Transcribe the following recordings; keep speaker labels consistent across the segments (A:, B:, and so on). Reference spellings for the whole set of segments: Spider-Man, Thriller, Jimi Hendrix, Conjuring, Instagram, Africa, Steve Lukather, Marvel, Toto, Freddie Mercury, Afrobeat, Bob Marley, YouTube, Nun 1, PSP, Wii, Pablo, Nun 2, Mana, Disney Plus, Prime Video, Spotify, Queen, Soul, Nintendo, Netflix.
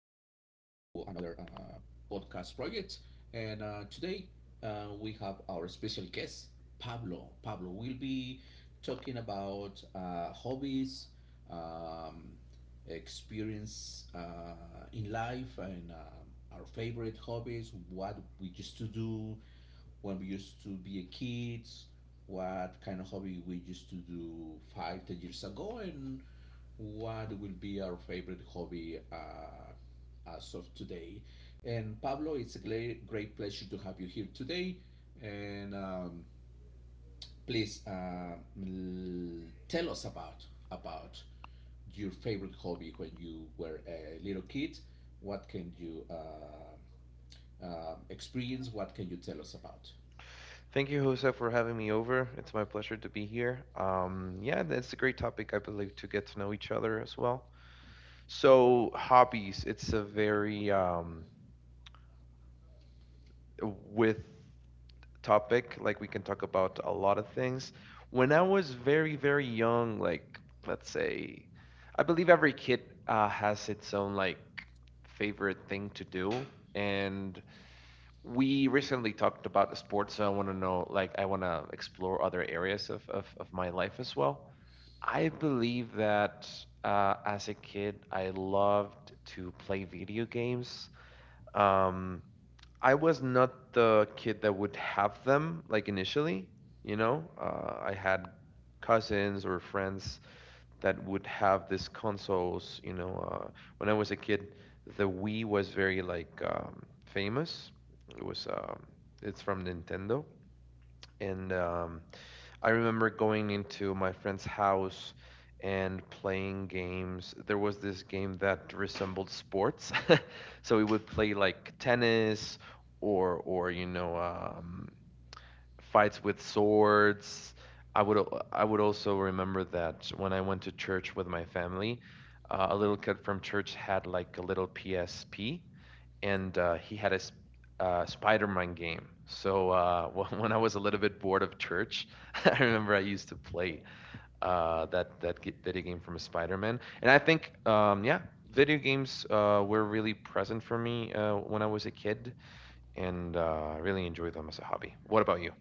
A: another podcast project. And today we have our special guest, Pablo. Pablo will be talking about hobbies, um, experience in life, and our favorite hobbies, what we used to do when we used to be a kids, what kind of hobby we used to do five, 10 years ago, and what will be our favorite hobby as of today. And Pablo, it's a great, great pleasure to have you here today. And please tell us about your favorite hobby when you were a little kid. What can you experience? What can you tell us about?
B: Thank you, Jose, for having me over. It's my pleasure to be here. Yeah, it's a great topic, I believe, to get to know each other as well. So, hobbies, it's a very with topic. Like, we can talk about a lot of things. When I was very, very young, like, let's say, I believe every kid has its own, like, favorite thing to do. And we recently talked about sports, so I want to know, like, I want to explore other areas of my life as well. I believe that as a kid, I loved to play video games. Um, I was not the kid that would have them, like, initially, I had cousins or friends that would have these consoles. When I was a kid, the Wii was very like famous. It was um, it's from Nintendo, and I remember going into my friend's house and playing games. There was this game that resembled sports, so we would play like tennis or. Fights with swords. I would also remember that when I went to church with my family, a little kid from church had like a little PSP, and he had a Spider-Man game. So when I was a little bit bored of church, I remember I used to play that video game from Spider-Man, and I think yeah, video games were really present for me when I was a kid, and I really enjoyed them as a hobby. What about you?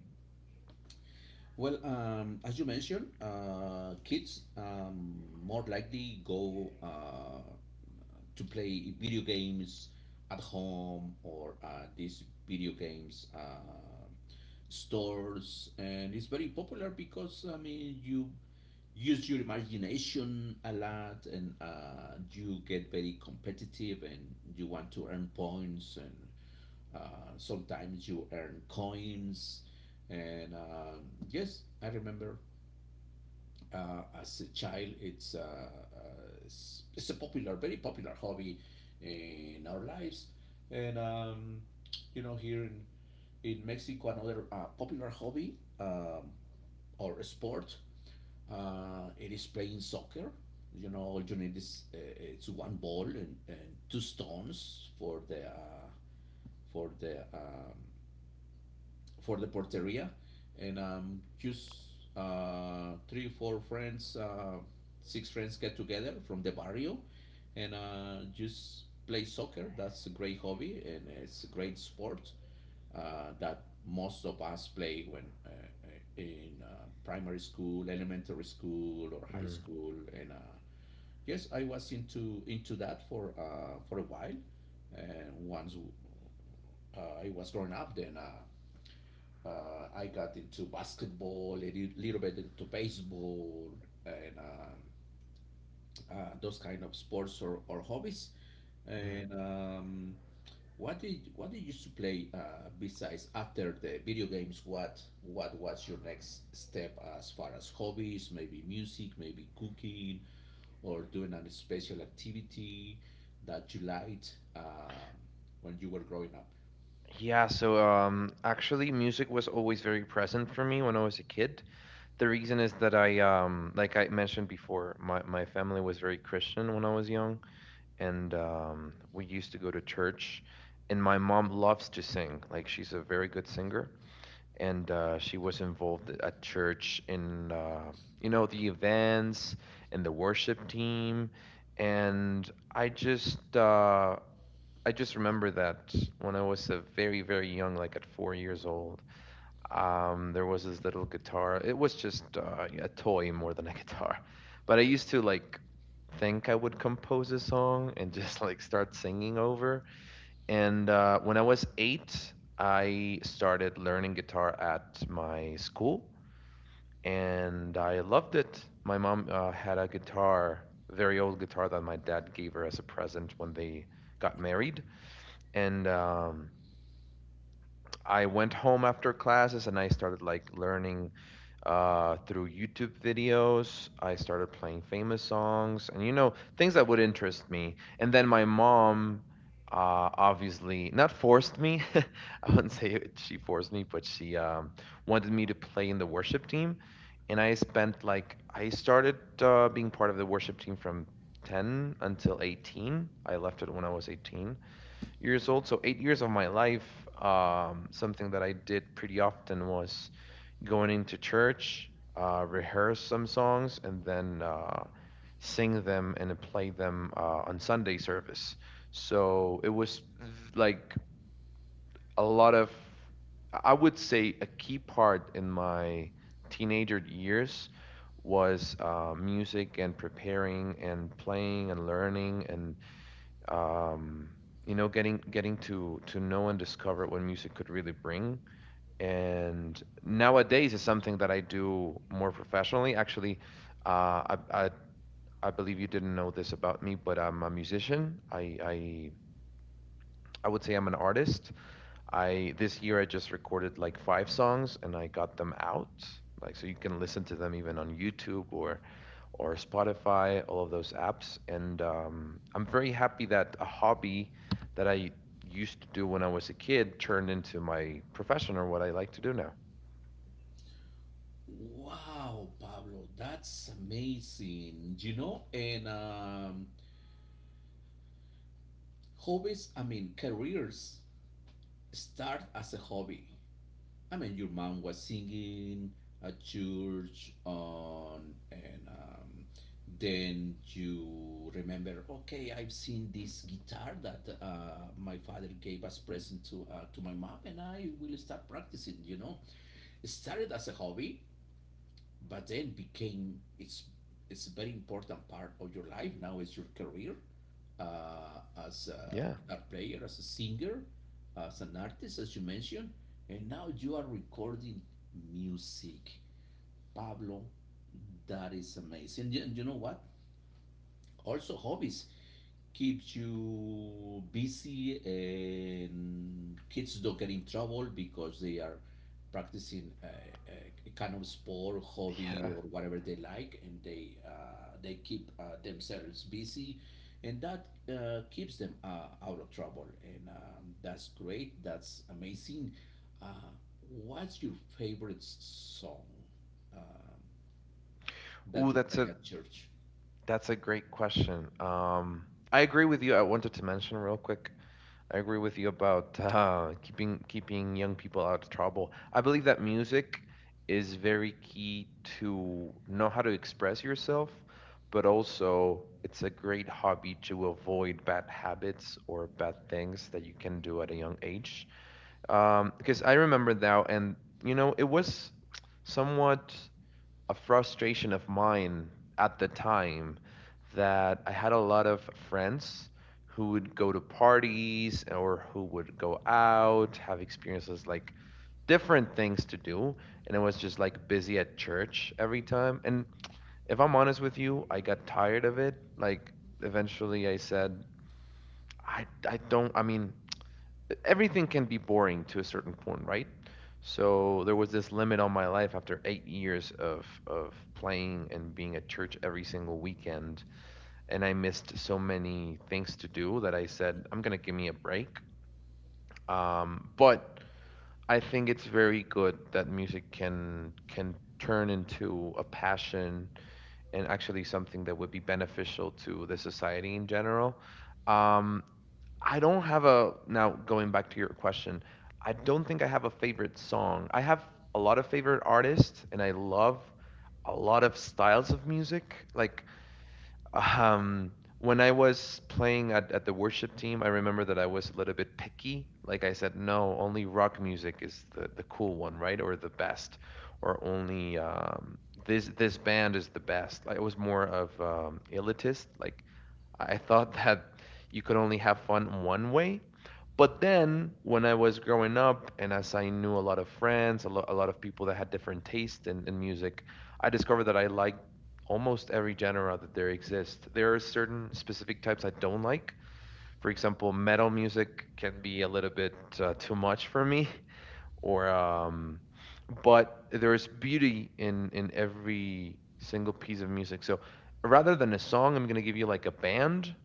A: Well, as you mentioned, kids more likely go to play video games at home or at these video games stores, and it's very popular because I mean you use your imagination a lot, and you get very competitive, and you want to earn points, and sometimes you earn coins, and yes, I remember as a child, it's a popular, very popular hobby in our lives, and you know here in Mexico, another popular hobby, um, or a sport, it is playing soccer. You know, all you need is it's one ball and, two stones for the for the um, for the porteria, and just three, four friends, six friends get together from the barrio and just play soccer. That's a great hobby and it's a great sport that most of us play when in primary school, elementary school, or high
B: Mm,
A: school. And yes, I was into that for a while. And once I was growing up, then I got into basketball, a little bit into baseball, and those kind of sports or hobbies.
B: mm.
A: And what did you used to play besides after the video games? What was your next step as far as hobbies? Maybe music, maybe cooking, or doing a special activity that you liked when you were growing up.
B: Yeah, so actually, music was always very present for me when I was a kid. The reason is that I, like I mentioned before, my family was very Christian when I was young, and we used to go to church. And my mom loves to sing, like, she's a very good singer. And she was involved at church in, you know, the events and the worship team. And I just, uh, I just remember that when I was a very, very young, like at 4 years old, there was this little guitar. It was just a toy more than a guitar, but I used to like think I would compose a song and just like start singing over. And when I was eight, I started learning guitar at my school, and I loved it. My mom had a guitar, very old guitar that my dad gave her as a present when they got married, and I went home after classes and I started like learning through YouTube videos. I started playing famous songs and you know things that would interest me. And then my mom obviously not forced me. I wouldn't say she forced me, but she wanted me to play in the worship team. And I spent like I started being part of the worship team from 10 until 18. I left it when I was 18 years old. So 8 years of my life, something that I did pretty often was going into church, rehearse some songs, and then sing them and play them on Sunday service. So it was like a lot of, I would say, a key part in my teenager years was music and preparing and playing and learning and um, you know, getting to know and discover what music could really bring. And nowadays is something that I do more professionally. Actually, uh, I, I I believe you didn't know this about me, but I'm a musician. I would say I'm an artist. I this year I just recorded like five songs and I got them out. Like so you can listen to them even on YouTube or Spotify, all of those apps. And I'm very happy that a hobby that I used to do when I was a kid turned into my profession or what I like to do now.
A: Wow, Pablo, that's amazing. You know, and hobbies, I mean, careers start as a hobby. I mean, your mom was singing at church on, and then you remember, okay, I've seen this guitar that my father gave as present to my mom, and I will start practicing. You know, it started as a hobby, but then became it's a very important part of your life now is your career uh, as a
B: Yeah.
A: guitar player, as a singer, as an artist, as you mentioned, and now you are recording music, Pablo. That is amazing. And you, and you know what, also, hobbies keeps you busy, and kids don't get in trouble because they are practicing a kind of sport, hobby,
B: Yeah.
A: or whatever they like, and they keep themselves busy, and that keeps them out of trouble, and that's great. That's amazing. Uh, what's your favorite song um that
B: Ooh,
A: you play at church?
B: that's a great question. I agree with you. I wanted to mention real quick I agree with you about keeping young people out of trouble. I believe that music is very key to know how to express yourself, but also it's a great hobby to avoid bad habits or bad things that you can do at a young age. Because I remember now, and you know, it was somewhat a frustration of mine at the time that I had a lot of friends who would go to parties or who would go out, have experiences like different things to do. And I was just like busy at church every time. And if I'm honest with you, I got tired of it. Like eventually I said, I don't, I mean, everything can be boring to a certain point, right? So there was this limit on my life after 8 years of playing and being at church every single weekend, and I missed so many things to do that I said I'm gonna give me a break. But I think it's very good that music can turn into a passion and actually something that would be beneficial to the society in general. Um, I don't have a now going back to your question. I don't think I have a favorite song. I have a lot of favorite artists and I love a lot of styles of music. Like um when I was playing at the worship team, I remember that I was a little bit picky. Like I said, no, only rock music is the cool one, right? Or the best. Or only this band is the best. Like, I was more of elitist, like I thought that you could only have fun one way. But then, when I was growing up, and as I knew a lot of friends, a lot of people that had different tastes in music, I discovered that I like almost every genre that there exists. There are certain specific types I don't like. For example, metal music can be a little bit too much for me, or but there is beauty in every single piece of music. So rather than a song, I'm gonna give you like a band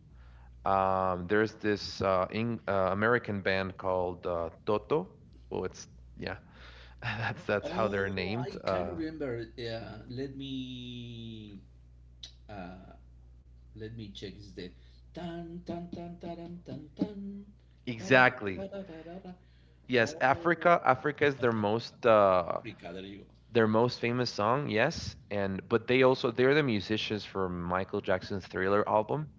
B: there's this American band called Toto. Well, it's yeah, that's how they're
A: Oh,
B: named.
A: I kind of remember. Yeah, uh, let me check. Is the tan tan tan taram tan tan da
B: Exactly.
A: da?
B: Yes, Africa.
A: Oh,
B: Africa is
A: Africa. There you go.
B: their most famous song. Yes, and but they also they're the musicians for Michael Jackson's Thriller album.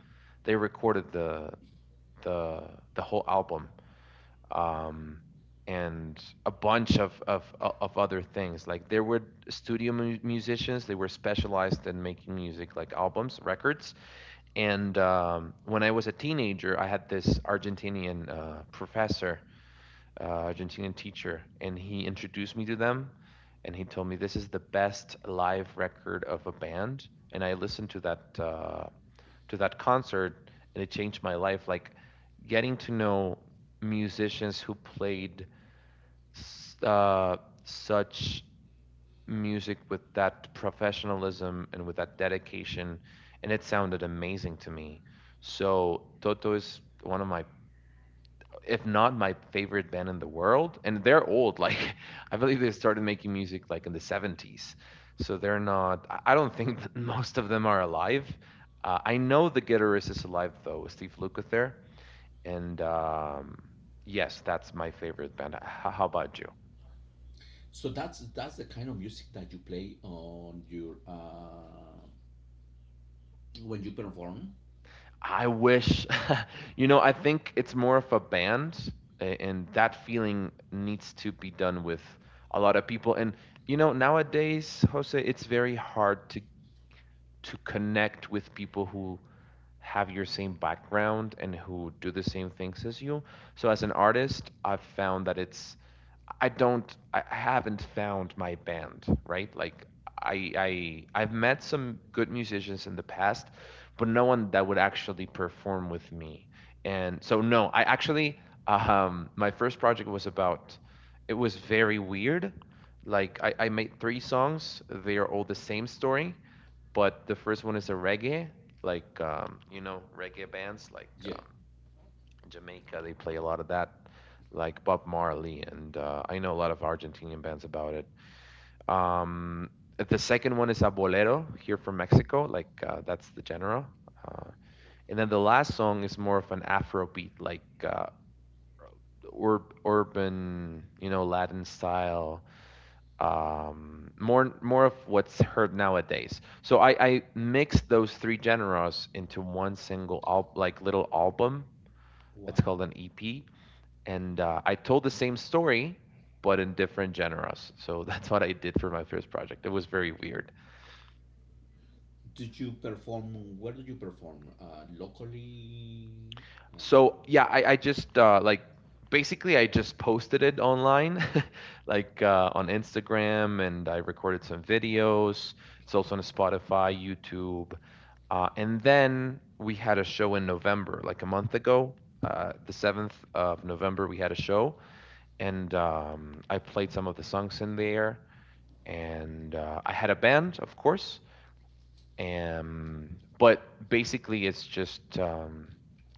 B: They recorded the the whole album. um, and a bunch of of other things. Like there were studio musicians, they were specialized in making music, like albums, records. And when I was a teenager, I had this Argentinian professor, Argentinian teacher, and he introduced me to them. And he told me this is the best live record of a band. And I listened to that concert, and it changed my life. Like getting to know musicians who played s- uh, such music with that professionalism and with that dedication, and it sounded amazing to me. So Toto is one of my, if not my favorite band in the world, and they're old. Like I believe they started making music like in the 70s, so they're not. I don't think that most of them are alive. I know the guitarist is alive though, Steve Lukather, and yes, that's my favorite band. How about you?
A: So that's the kind of music that you play on your when you perform.
B: I wish, you know, I think it's more of a band, and that feeling needs to be done with a lot of people. And you know, nowadays, Jose, it's very hard to connect with people who have your same background and who do the same things as you. So as an artist, I've found that it's I don't I haven't found my band, right? Like I've met some good musicians in the past, but no one that would actually perform with me. And so no, I actually my first project was about it was very weird. Like I made three songs. They are all the same story, but the first one is a reggae, like you know, reggae bands like
A: Yeah.
B: in Jamaica, they play a lot of that, like Bob Marley, and I know a lot of Argentinian bands about it. Um, the second one is a bolero here from Mexico, like that's the genre. Uh, and then the last song is more of an Afrobeat, like urban, Latin style, more of what's heard nowadays. So I mixed those three genres into one single, like little album. It's called
A: Wow.
B: an EP and I told the same story but in different genres. So that's what I did for my first project. It was very weird.
A: Did you perform? Where did you perform? Locally. Uh,
B: So yeah, I just like basically I just posted it online, like on Instagram, and I recorded some videos. It's also on Spotify, YouTube, and then we had a show in November, like a month ago. The 7th of November, we had a show, and I played some of the songs in there, and I had a band, of course. But basically, it's just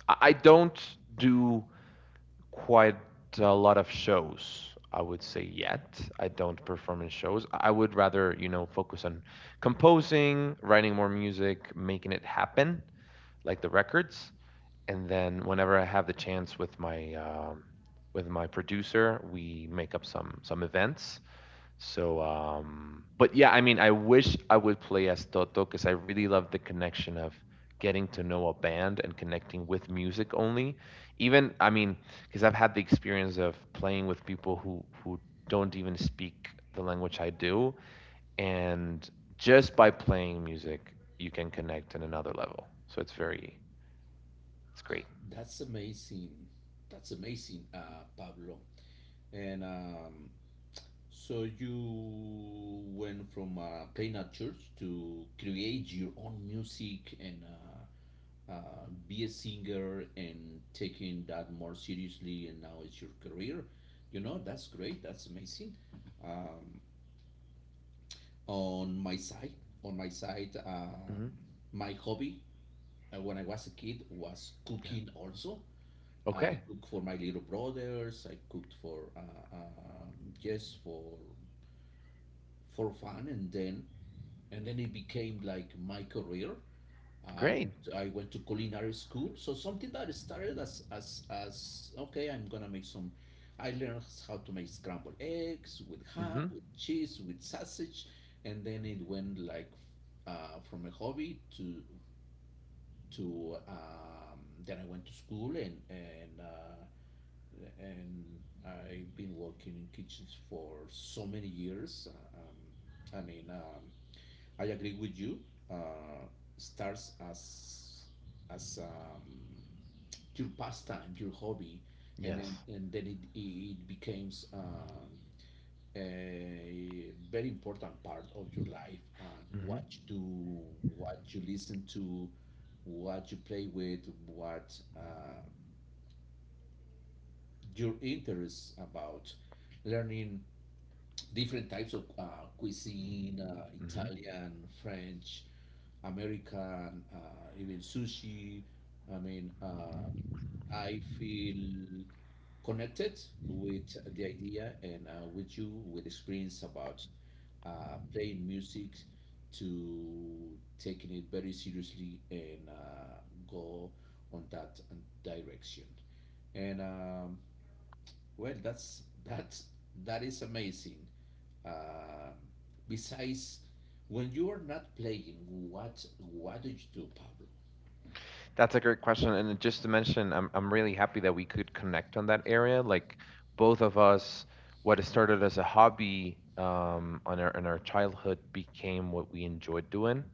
B: I don't do quite a lot of shows. I would say yet I don't perform in shows. I would rather focus on composing, writing more music, making it happen, like the records. And then whenever I have the chance with my producer, we make up some events, so, but yeah, I mean, I wish I would play as Toto because I really love the connection of getting to know a band and connecting with music only. Even, I mean, because I've had the experience of playing with people who don't even speak the language I do, and just by playing music, you can connect in another level. So it's very, it's great.
A: that's amazing. That's amazing, Pablo. And so you went from playing at church to create your own music and be a singer and taking that more seriously. And now it's your career. You know that's great. That's amazing. Um, on my side, on my side, um,
B: Hmm.
A: my hobby when I was a kid was
B: Yeah.
A: cooking. Also, I
B: Okay.
A: cooked for my little brothers. I cooked for yes, for fun, and then it became like my career. I
B: Great.
A: I went to culinary school, so something that started as okay, I'm gonna make some. I learned how to make scrambled eggs with ham,
B: Hmm.
A: with cheese, with sausage, and then it went like from a hobby to then I went to school and and I've been working in kitchens for so many years. I mean, I agree with you. Uh, Starts as as um, your pastime, your hobby, and then
B: Yes.
A: it it becomes a very important part of your life and
B: Hmm.
A: what you do, what you listen to, what you play with, what your interests about learning different types of cuisine,
B: Hmm.
A: Italian, French, American, even sushi. I mean, I feel connected with the idea and with you with experience about playing music to taking it very seriously and go on that direction. And well, that's that is amazing. Um Besides, when you are not playing, what do you do, Pablo?
B: That's a great question. And just to mention, I'm really happy that we could connect on that area. Like both of us, what started as a hobby on our in our childhood became what we enjoyed doing.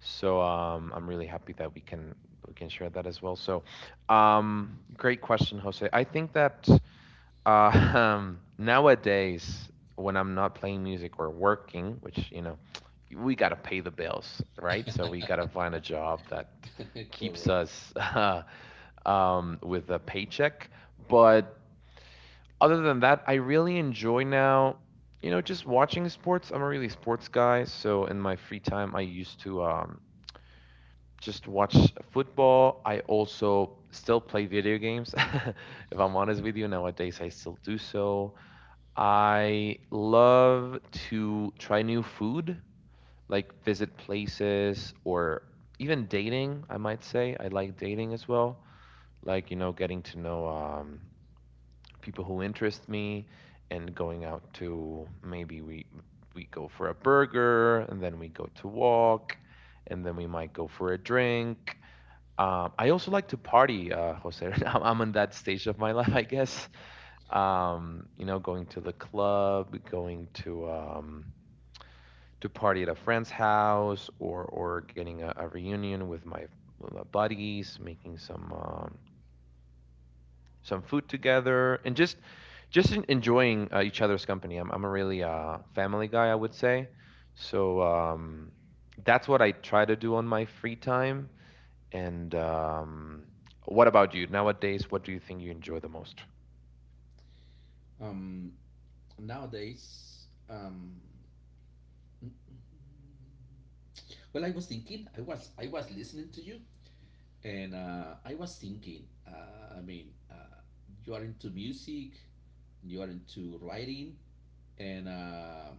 B: So I'm really happy that we can share that as well. So great question, Jose. I think that nowadays, when I'm not playing music or working, which, you know, we got to pay the bills, right? So we got to find a job that keeps
A: Correct.
B: us with a paycheck. But other than that, I really enjoy now, you know, just watching sports. I'm a really sports guy. So in my free time, I used to just watch football. I also still play video games. If I'm honest with you, nowadays I still do so. I love to try new food, like visit places or even dating, I might say. I like dating as well. Like, you know, getting to know people who interest me and going out to maybe we go for a burger and then we go to walk and then we might go for a drink. I also like to party, Jose. I'm in that stage of my life, I guess, you know, going to the club, going to party at a friend's house, or getting a reunion with my buddies, making some food together, and just just enjoying each other's company. I'm a really family guy, I would say. So that's what I try to do on my free time. And what about you? Nowadays, what do you think you enjoy the most?
A: Um, Nowadays, well, I was thinking, I was listening to you, and I was thinking. I mean, you are into music, you are into writing, and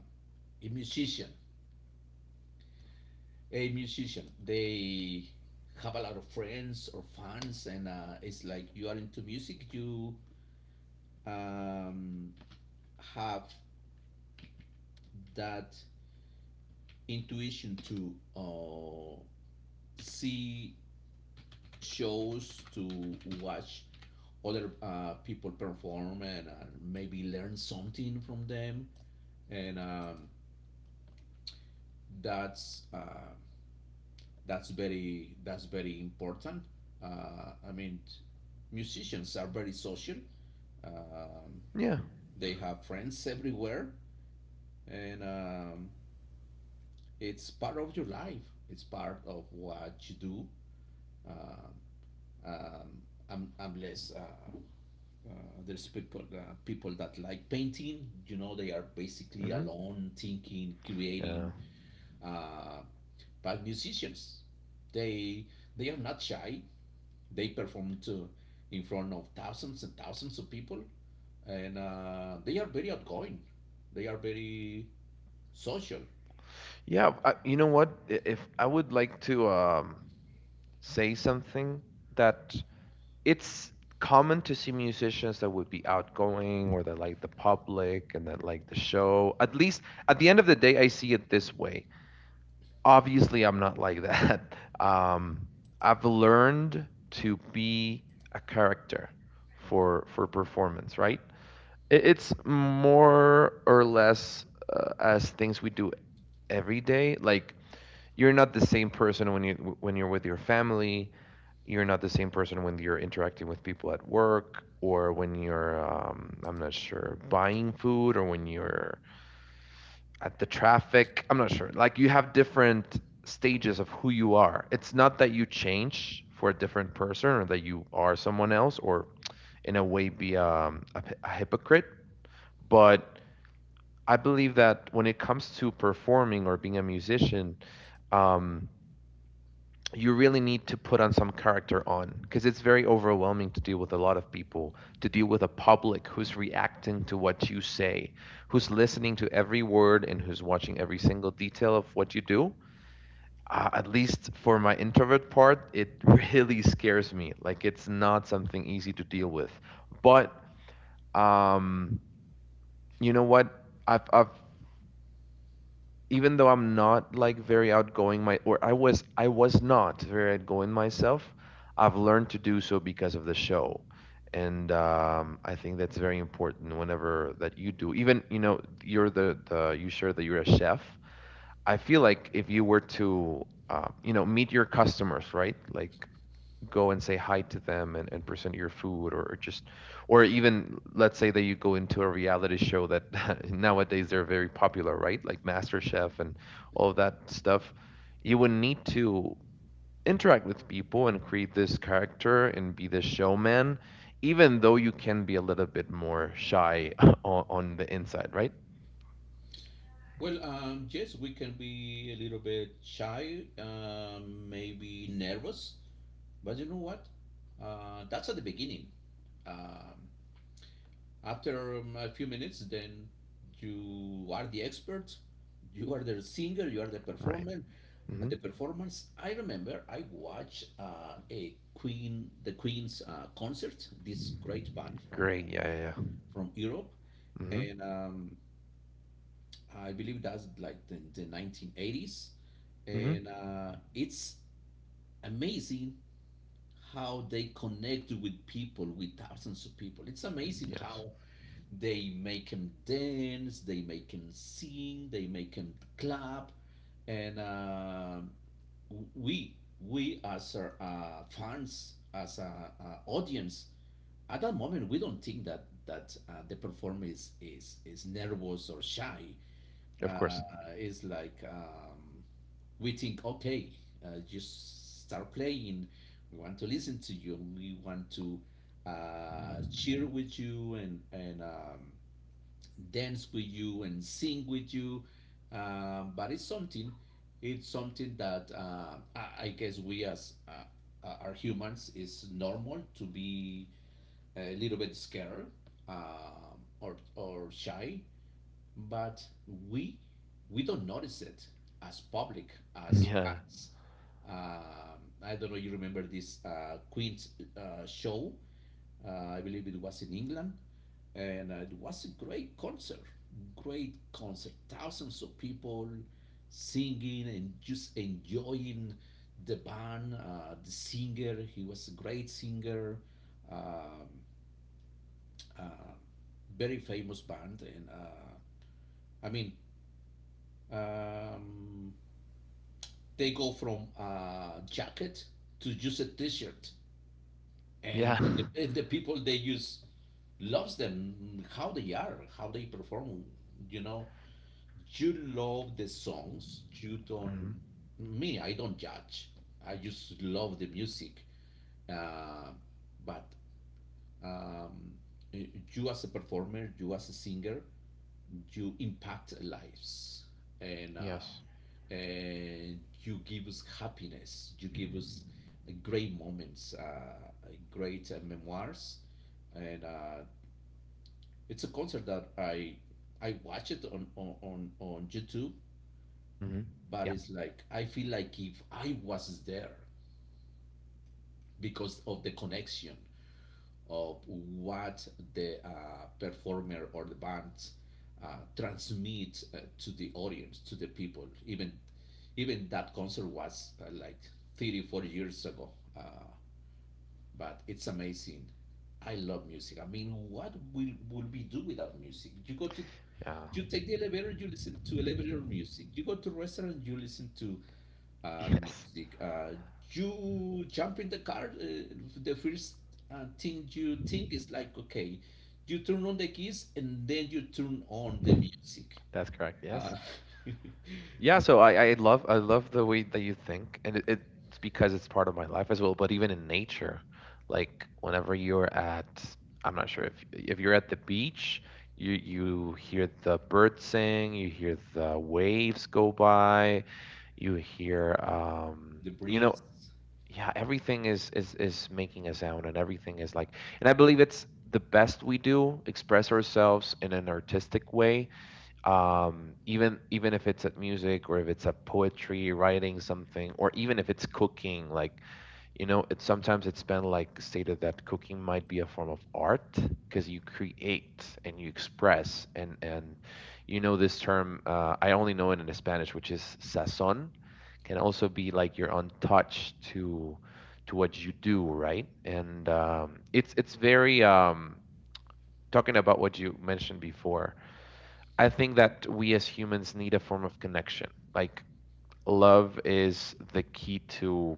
A: a musician. A musician, they have a lot of friends or fans and it's like you are into music, you um, have that intuition to see shows, to watch other people perform and maybe learn something from them. And that's uh, that's very important. I mean, musicians are very social. Um,
B: Yeah.
A: they have friends everywhere, and it's part of your life. It's part of what you do. Um, um, Unless there's people, people that like painting, you know, they are basically
B: Hmm.
A: alone, thinking,
B: Yeah.
A: creating. Uh, but musicians, they they are not shy. They performed to, in front of thousands and thousands of people, and they are very outgoing. They are very social.
B: Yeah, I, you know what? If I would like to say something that it's common to see musicians that would be outgoing or that like the public and that like the show. At least at the end of the day, I see it this way. Obviously, I'm not like that. I've learned to be a character for performance, right? It's more or less as things we do every day. Like you're not the same person when you're with your family. You're not the same person when you're interacting with people at work or when you're I'm not sure buying food or when you're at the traffic. I'm not sure. Like you have different stages of who you are. It's not that you change for a different person or that you are someone else or in a way be a hypocrite, but I believe that when it comes to performing or being a musician, um, you really need to put on some character on because it's very overwhelming to deal with a lot of people to deal with a public who's reacting to what you say, who's listening to every word and who's watching every single detail of what you do, at least for my introvert part, it really scares me, like it's not something easy to deal with, but um you know what, I've even though I'm not like very outgoing my or I was not very outgoing myself, I've learned to do so because of the show. And I think that's very important whenever that you do. Even, you know, you're the you share that you're a chef. I feel like if you were to you know, meet your customers, right? Like go and say hi to them and present your food, or just or even let's say that you go into a reality show that nowadays they're very popular, right? Like master chef and all of that stuff, you would need to interact with people and create this character and be this showman, even though you can be a little bit more shy on the inside, right?
A: Well, yes, we can be a little bit shy, maybe nervous, but you know what? That's at the beginning. Um, After a few minutes, then you are the expert. You are the singer. You are the
B: Right.
A: performer.
B: Hmm.
A: The performance. I remember I watched the Queen's concert. This great band from
B: Great. Yeah, yeah, yeah.
A: Europe,
B: Mm-hmm.
A: and I believe that's like the 1980s.
B: Mm-hmm.
A: And it's amazing how they connect with people, with thousands of people. It's amazing
B: Yes.
A: how they make him dance, they make him sing, they make him clap, and we we as fans, as an audience, at that moment we don't think that the performer is nervous or shy.
B: Of
A: Uh,
B: course.
A: it's like, we think, okay, just start playing. We want to listen to you. We want to cheer with you, and dance with you and sing with you. But it's something that I guess we as are humans is normal to be a little bit scared, or shy, but we we don't notice it as public, as
B: Yeah.
A: fans. I don't know. You remember this Queen's show? I believe it was in England and it was a great concert, great concert, thousands of people singing and just enjoying the band. The singer, he was a great singer. um, uh, Very famous band and i mean um, they go from jacket to just a t-shirt, and
B: Yeah.
A: and the people they use loves them, how they are, how they perform. You know, you love the songs. You don't.
B: Hmm.
A: Me, I don't judge. I just love the music. Uh, but um, you as a performer, you as a singer, you impact lives,
B: Yes.
A: and you give us happiness. You give us great moments, great memoirs, and it's a concert that I watch it on on YouTube,
B: Hmm.
A: but
B: Yeah.
A: it's like I feel like if I was there because of the connection of what the performer or the band transmits to the audience, to the people, even even that concert was like 30 40 years ago. uh, but it's amazing. I love music. I mean, what will we do without music? You go to,
B: Yeah.
A: you take the elevator, you listen to elevator music. You go to restaurant, you listen to
B: Yes.
A: music. You jump in the car, the first thing you think is like, okay, you turn on the keys and then you turn on the music.
B: That's correct.
A: Uh,
B: Yes. Yeah.
A: um, uh,
B: So I love the way that you think, and it, it's because it's part of my life as well. But even in nature, like whenever you're at, I'm not sure if you're at the beach, you hear the birds sing, you hear the waves go by, you hear
A: the
B: you know,
A: breeze,
B: yeah, everything is making a sound and everything is like, and I believe it's the best we do, express ourselves in an artistic way. Even even if it's at music or if it's at poetry, writing something, or even if it's cooking, like, you know, it's sometimes it's been like stated that cooking might be a form of art, because you create and you express, and you know this term, I only know it in Spanish, which is sazon, can also be like you're untouched to what you do, right? And it's very talking about what you mentioned before. I think that we as humans need a form of connection. Like love is the key to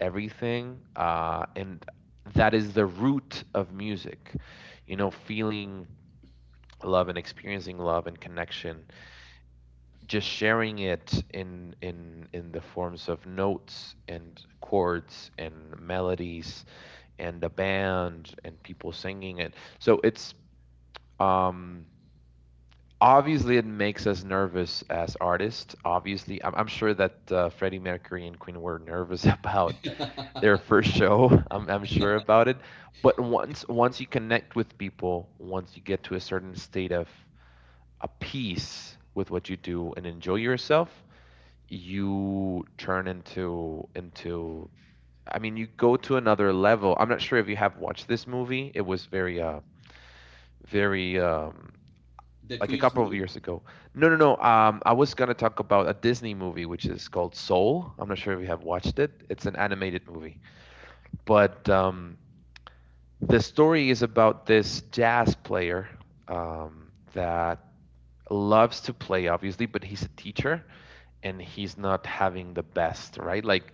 B: everything, and that is the root of music, you know, feeling love and experiencing love and connection, just sharing it in the forms of notes and chords and melodies, and a band and people singing it. So it's um obviously it makes us nervous as artists. Obviously, I'm sure that Freddie Mercury and Queen were nervous about their
A: the
B: first show. I'm sure about it. But once once you connect with people, once you get to a certain state of a peace with what you do and enjoy yourself, you turn into I mean you go to another level. I'm not sure if you have watched this movie. It was very very um like a
A: Queen's
B: couple of
A: movie.
B: years ago. No, no, no. I was gonna talk about a Disney movie which is called Soul. I'm not sure if you have watched it. It's an animated movie, but the story is about this jazz player, that loves to play, obviously, but he's a teacher, and he's not having the best, right? Like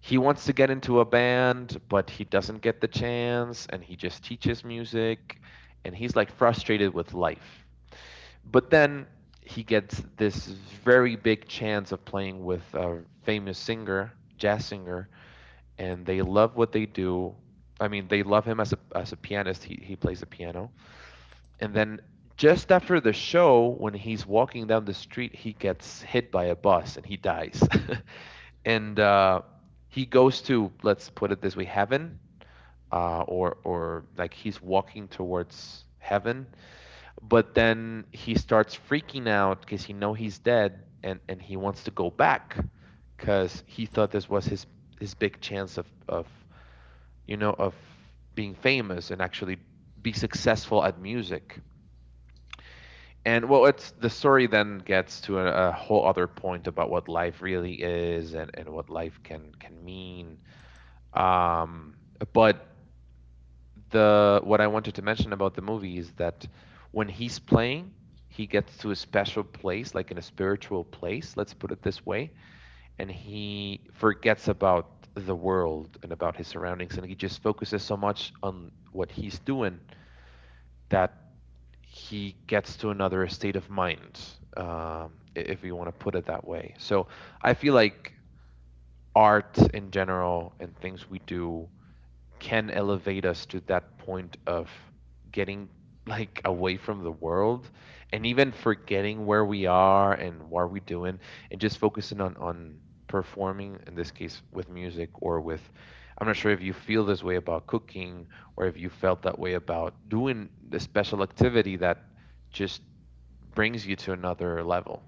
B: he wants to get into a band but he doesn't get the chance and he just teaches music, and he's like frustrated with life. But then he gets this very big chance of playing with a famous singer, jazz singer, and they love what they do. I mean, they love him as a pianist. He plays the piano. And then just after the show, when he's walking down the street, he gets hit by a bus and he dies. And he goes to, let's put it this way, heaven, or like he's walking towards heaven. But then he starts freaking out because he know he's dead, and he wants to go back because he thought this was his big chance of, you know, of being famous and actually be successful at music. And well, it's the story then gets to a whole other point about what life really is and what life can mean. Um, but the what I wanted to mention about the movie is that when he's playing, he gets to a special place, like in a spiritual place, let's put it this way, and he forgets about the world and about his surroundings, and he just focuses so much on what he's doing that he gets to another state of mind, um, if we want to put it that way. So I feel like art in general and things we do can elevate us to that point of getting like away from the world and even forgetting where we are and what we're doing and just focusing on performing, in this case with music or with — I'm not sure if you feel this way about cooking or if you felt that way about doing the special activity that just brings you to another level.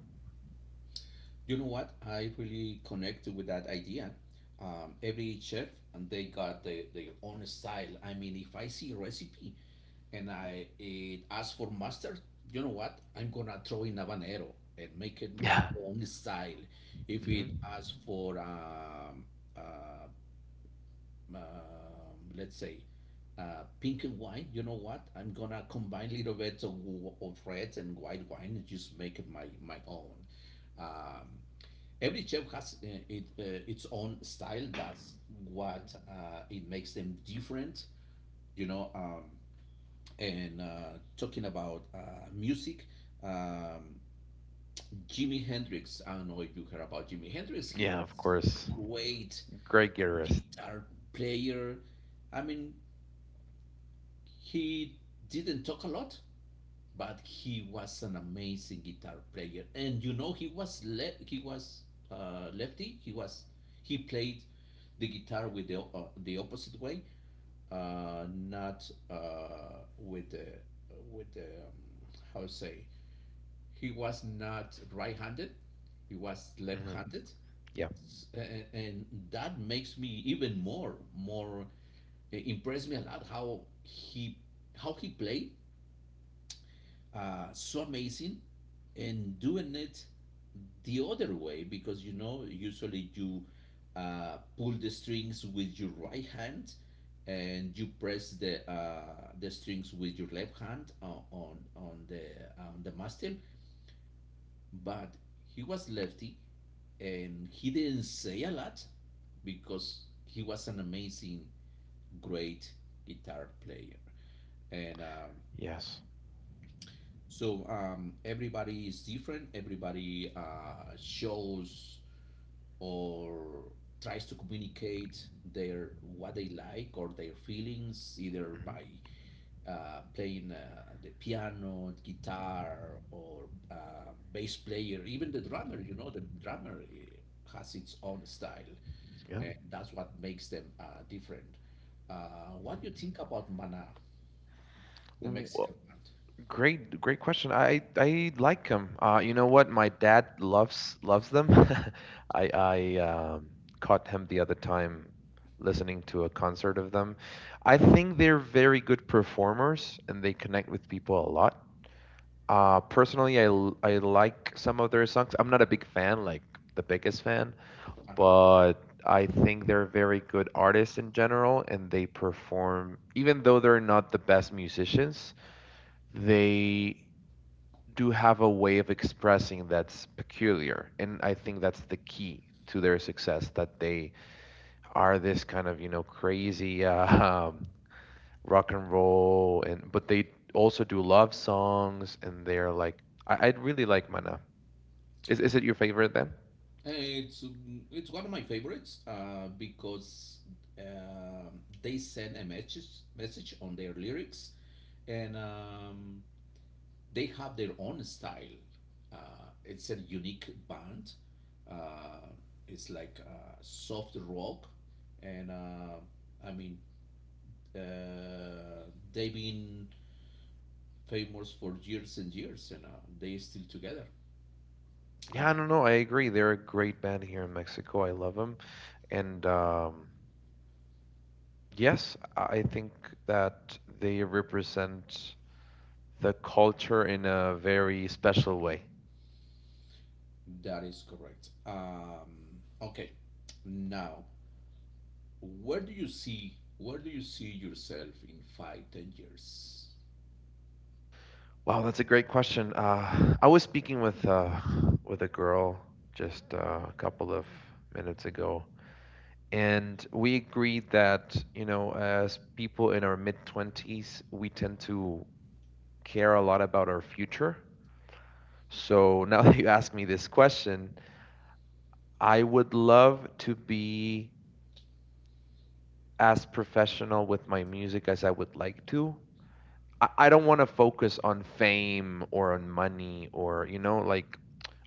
A: You know what? I really connect with that idea. Every chef and they got their own style. I mean, if I see a recipe and I it asks for mustard, you know what? I'm gonna throw in habanero and make it my
B: Yeah.
A: own style. If
B: Hmm.
A: it asks for uh, let's say pink and white, you know what? I'm gonna combine little bit of red and white wine and just make it my own. Um, Every chef has its own style. That's
B: Hmm.
A: what it makes them different, you know. And Talking about music, um, Jimi Hendrix. I don't know if you heard about Jimi Hendrix. He
B: Yeah,
A: was
B: of course.
A: great
B: Great guitarist.
A: guitar player. I mean, he didn't talk a lot, but he was an amazing guitar player. And you know, he was lefty. He played the guitar with the opposite way, not with the with the how to say. He was not right-handed. He was
B: Hmm.
A: left-handed,
B: Yeah.
A: and that makes me even more, it impressed me a lot how he played so amazing and doing it the other way, because you know usually you pull the strings with your right hand and you press the strings with your left hand on the on the master. But he was lefty, and he didn't say a lot because he was an amazing great guitar player and
B: Yes.
A: So everybody is different. Everybody shows or tries to communicate their what they like or their feelings, either by
B: Hmm.
A: playing the piano, guitar, or bass player, even the drummer. You know, the drummer has its own style,
B: Yeah.
A: and that's what makes them different. What do you think about Mana, the
B: W-
A: Mexican band?
B: Great, great question. I like them. You know what? My dad loves them. I caught him the other time listening to a concert of them. I think they're very good performers and they connect with people a lot. Personally, I like some of their songs. I'm not a big fan, like the biggest fan,
A: Uh-huh.
B: but I think they're very good artists in general, and they perform. Even though they're not the best musicians, they do have a way of expressing that's peculiar, and I think that's the key to their success, that they are this kind of, you know, crazy rock and roll. And but they also do love songs, and they're like — I really like Mana. Is it your favorite then?
A: It's one of my favorites because they send a message on their lyrics, and they have their own style. It's a unique band. Uh, it's like soft rock, and I mean uh, they've been famous for years and years, and they still together. Uh,
B: Yeah, I don't know, I agree, they're a great band here in Mexico, I love them. And yes, I think that they represent the culture in a very special way.
A: that is correct. Okay, now where do you see yourself in 5, 10 years?
B: Wow, that's a great question. I was speaking with a girl just a couple of minutes ago, and we agreed that, you know, as people in our mid twenties, we tend to care a lot about our future. So now that you ask me this question, I would love to be as professional with my music as I would like to. I don't want to focus on fame or on money or, you know, like,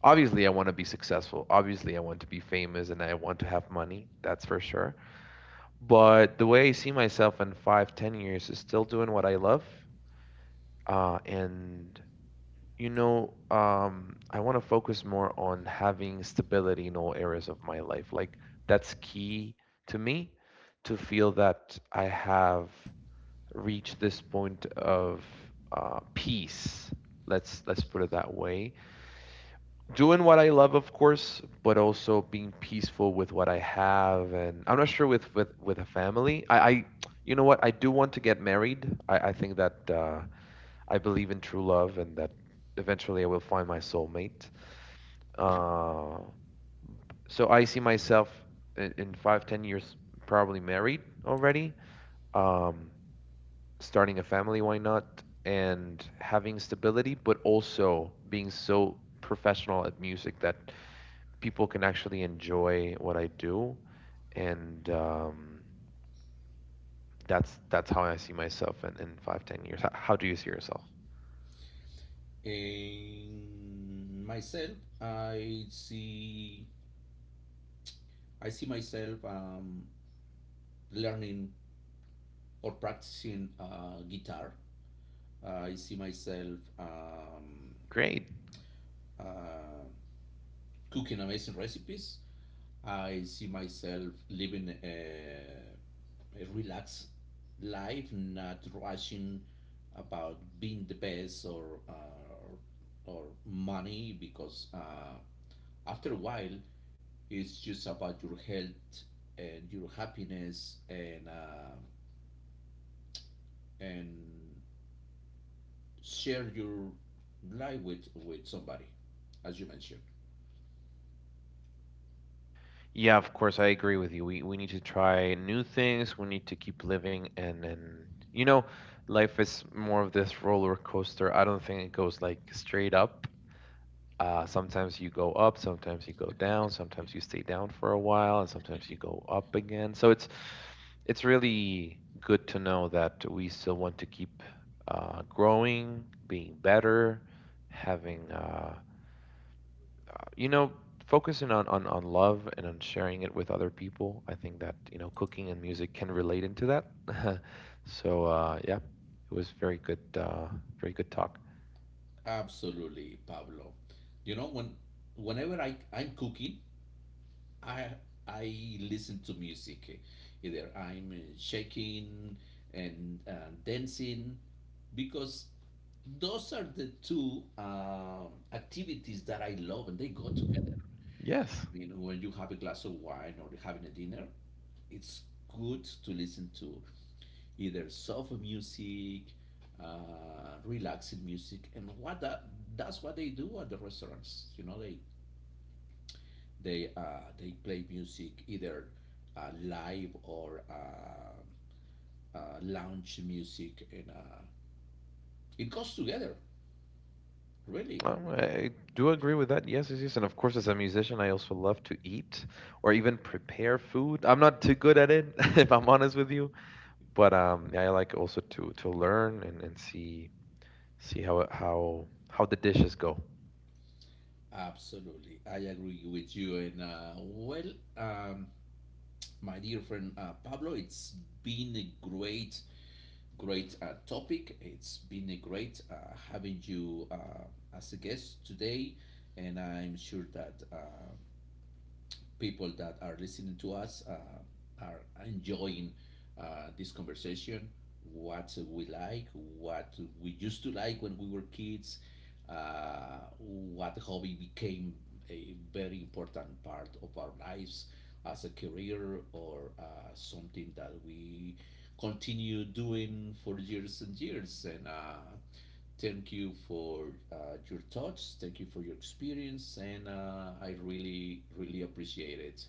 B: obviously I want to be successful. Obviously I want to be famous and I want to have money. That's for sure. But the way I see myself in 5, 10 years is still doing what I love. And you know, I want to focus more on having stability in all areas of my life. Like, that's key to me, to feel that I have reach this point of peace. Let's put it that way. Doing what I love, of course, but also being peaceful with what I have, and I'm not sure with with a family. I you know what? I do want to get married. I think that I believe in true love, and that eventually I will find my soulmate. Uh, so I see myself in 5, 10 years, probably married already. Um, Starting a family, why not? And having stability, but also being so professional at music that people can actually enjoy what I do. And that's how I see myself in 5, 10 years. How do you see yourself?
A: In myself, I see myself learning or practicing guitar. I see myself
B: Great.
A: uh, cooking amazing recipes. I see myself living a relaxed life, not rushing about being the best or money, because after a while, it's just about your health and your happiness , and share your life with somebody, as you mentioned.
B: Yeah, of course, I agree with you. We need to try new things. We need to keep living, and you know, life is more of this roller coaster. I don't think it goes like straight up. Sometimes you go up, sometimes you go down, sometimes you stay down for a while, and sometimes you go up again. So it's really good to know that we still want to keep growing, being better, having you know, focusing on, on love and on sharing it with other people. I think that, you know, cooking and music can relate into that. So yeah, it was very good, very good talk.
A: Absolutely, Pablo. You know whenever I'm cooking I I listen to music. Either I'm shaking and dancing, because those are the two activities that I love, and they go together. I
B: Yes.
A: mean, when you have a glass of wine or having a dinner, it's good to listen to either soft music, relaxing music, and that's what they do at the restaurants. You know, they play music, either live or lounge music, and it goes together. Really, I mean,
B: I do agree with that. Yes, yes, yes. And of course, as a musician, I also love to eat or even prepare food. I'm not too good at it, if I'm honest with you. But yeah, I like also to learn and see — how the dishes go.
A: absolutely, I agree with you. And my dear friend Pablo, it's been a great, great topic. It's been a great having you as a guest today, and I'm sure that people that are listening to us are enjoying this conversation, what we like, what we used to like when we were kids, what hobby became a very important part of our lives as a career or something that we continue doing for years and years. And Thank you for your thoughts. Thank you for your experience, and I really, really appreciate it,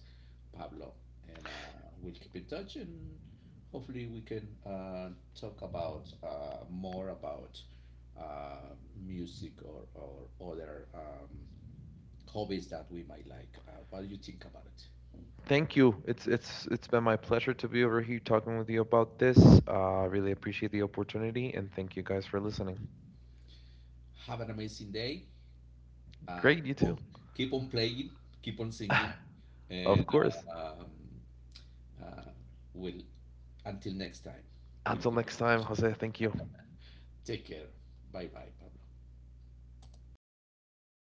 A: Pablo. And we'll keep in touch, and hopefully we can talk about more about uh, music or other hobbies that we might like. What do you think about it?
B: Thank you. It's been my pleasure to be over here talking with you about this. I really appreciate the opportunity, and thank you guys for listening.
A: Have an amazing day.
B: Great, you
A: Keep on
B: too.
A: playing, keep on singing, and
B: Of course.
A: uh, um, uh, will until next time we'll
B: Until
A: keep in
B: next time,
A: touch.
B: Jose. Thank you.
A: Take care. Bye bye, Pablo.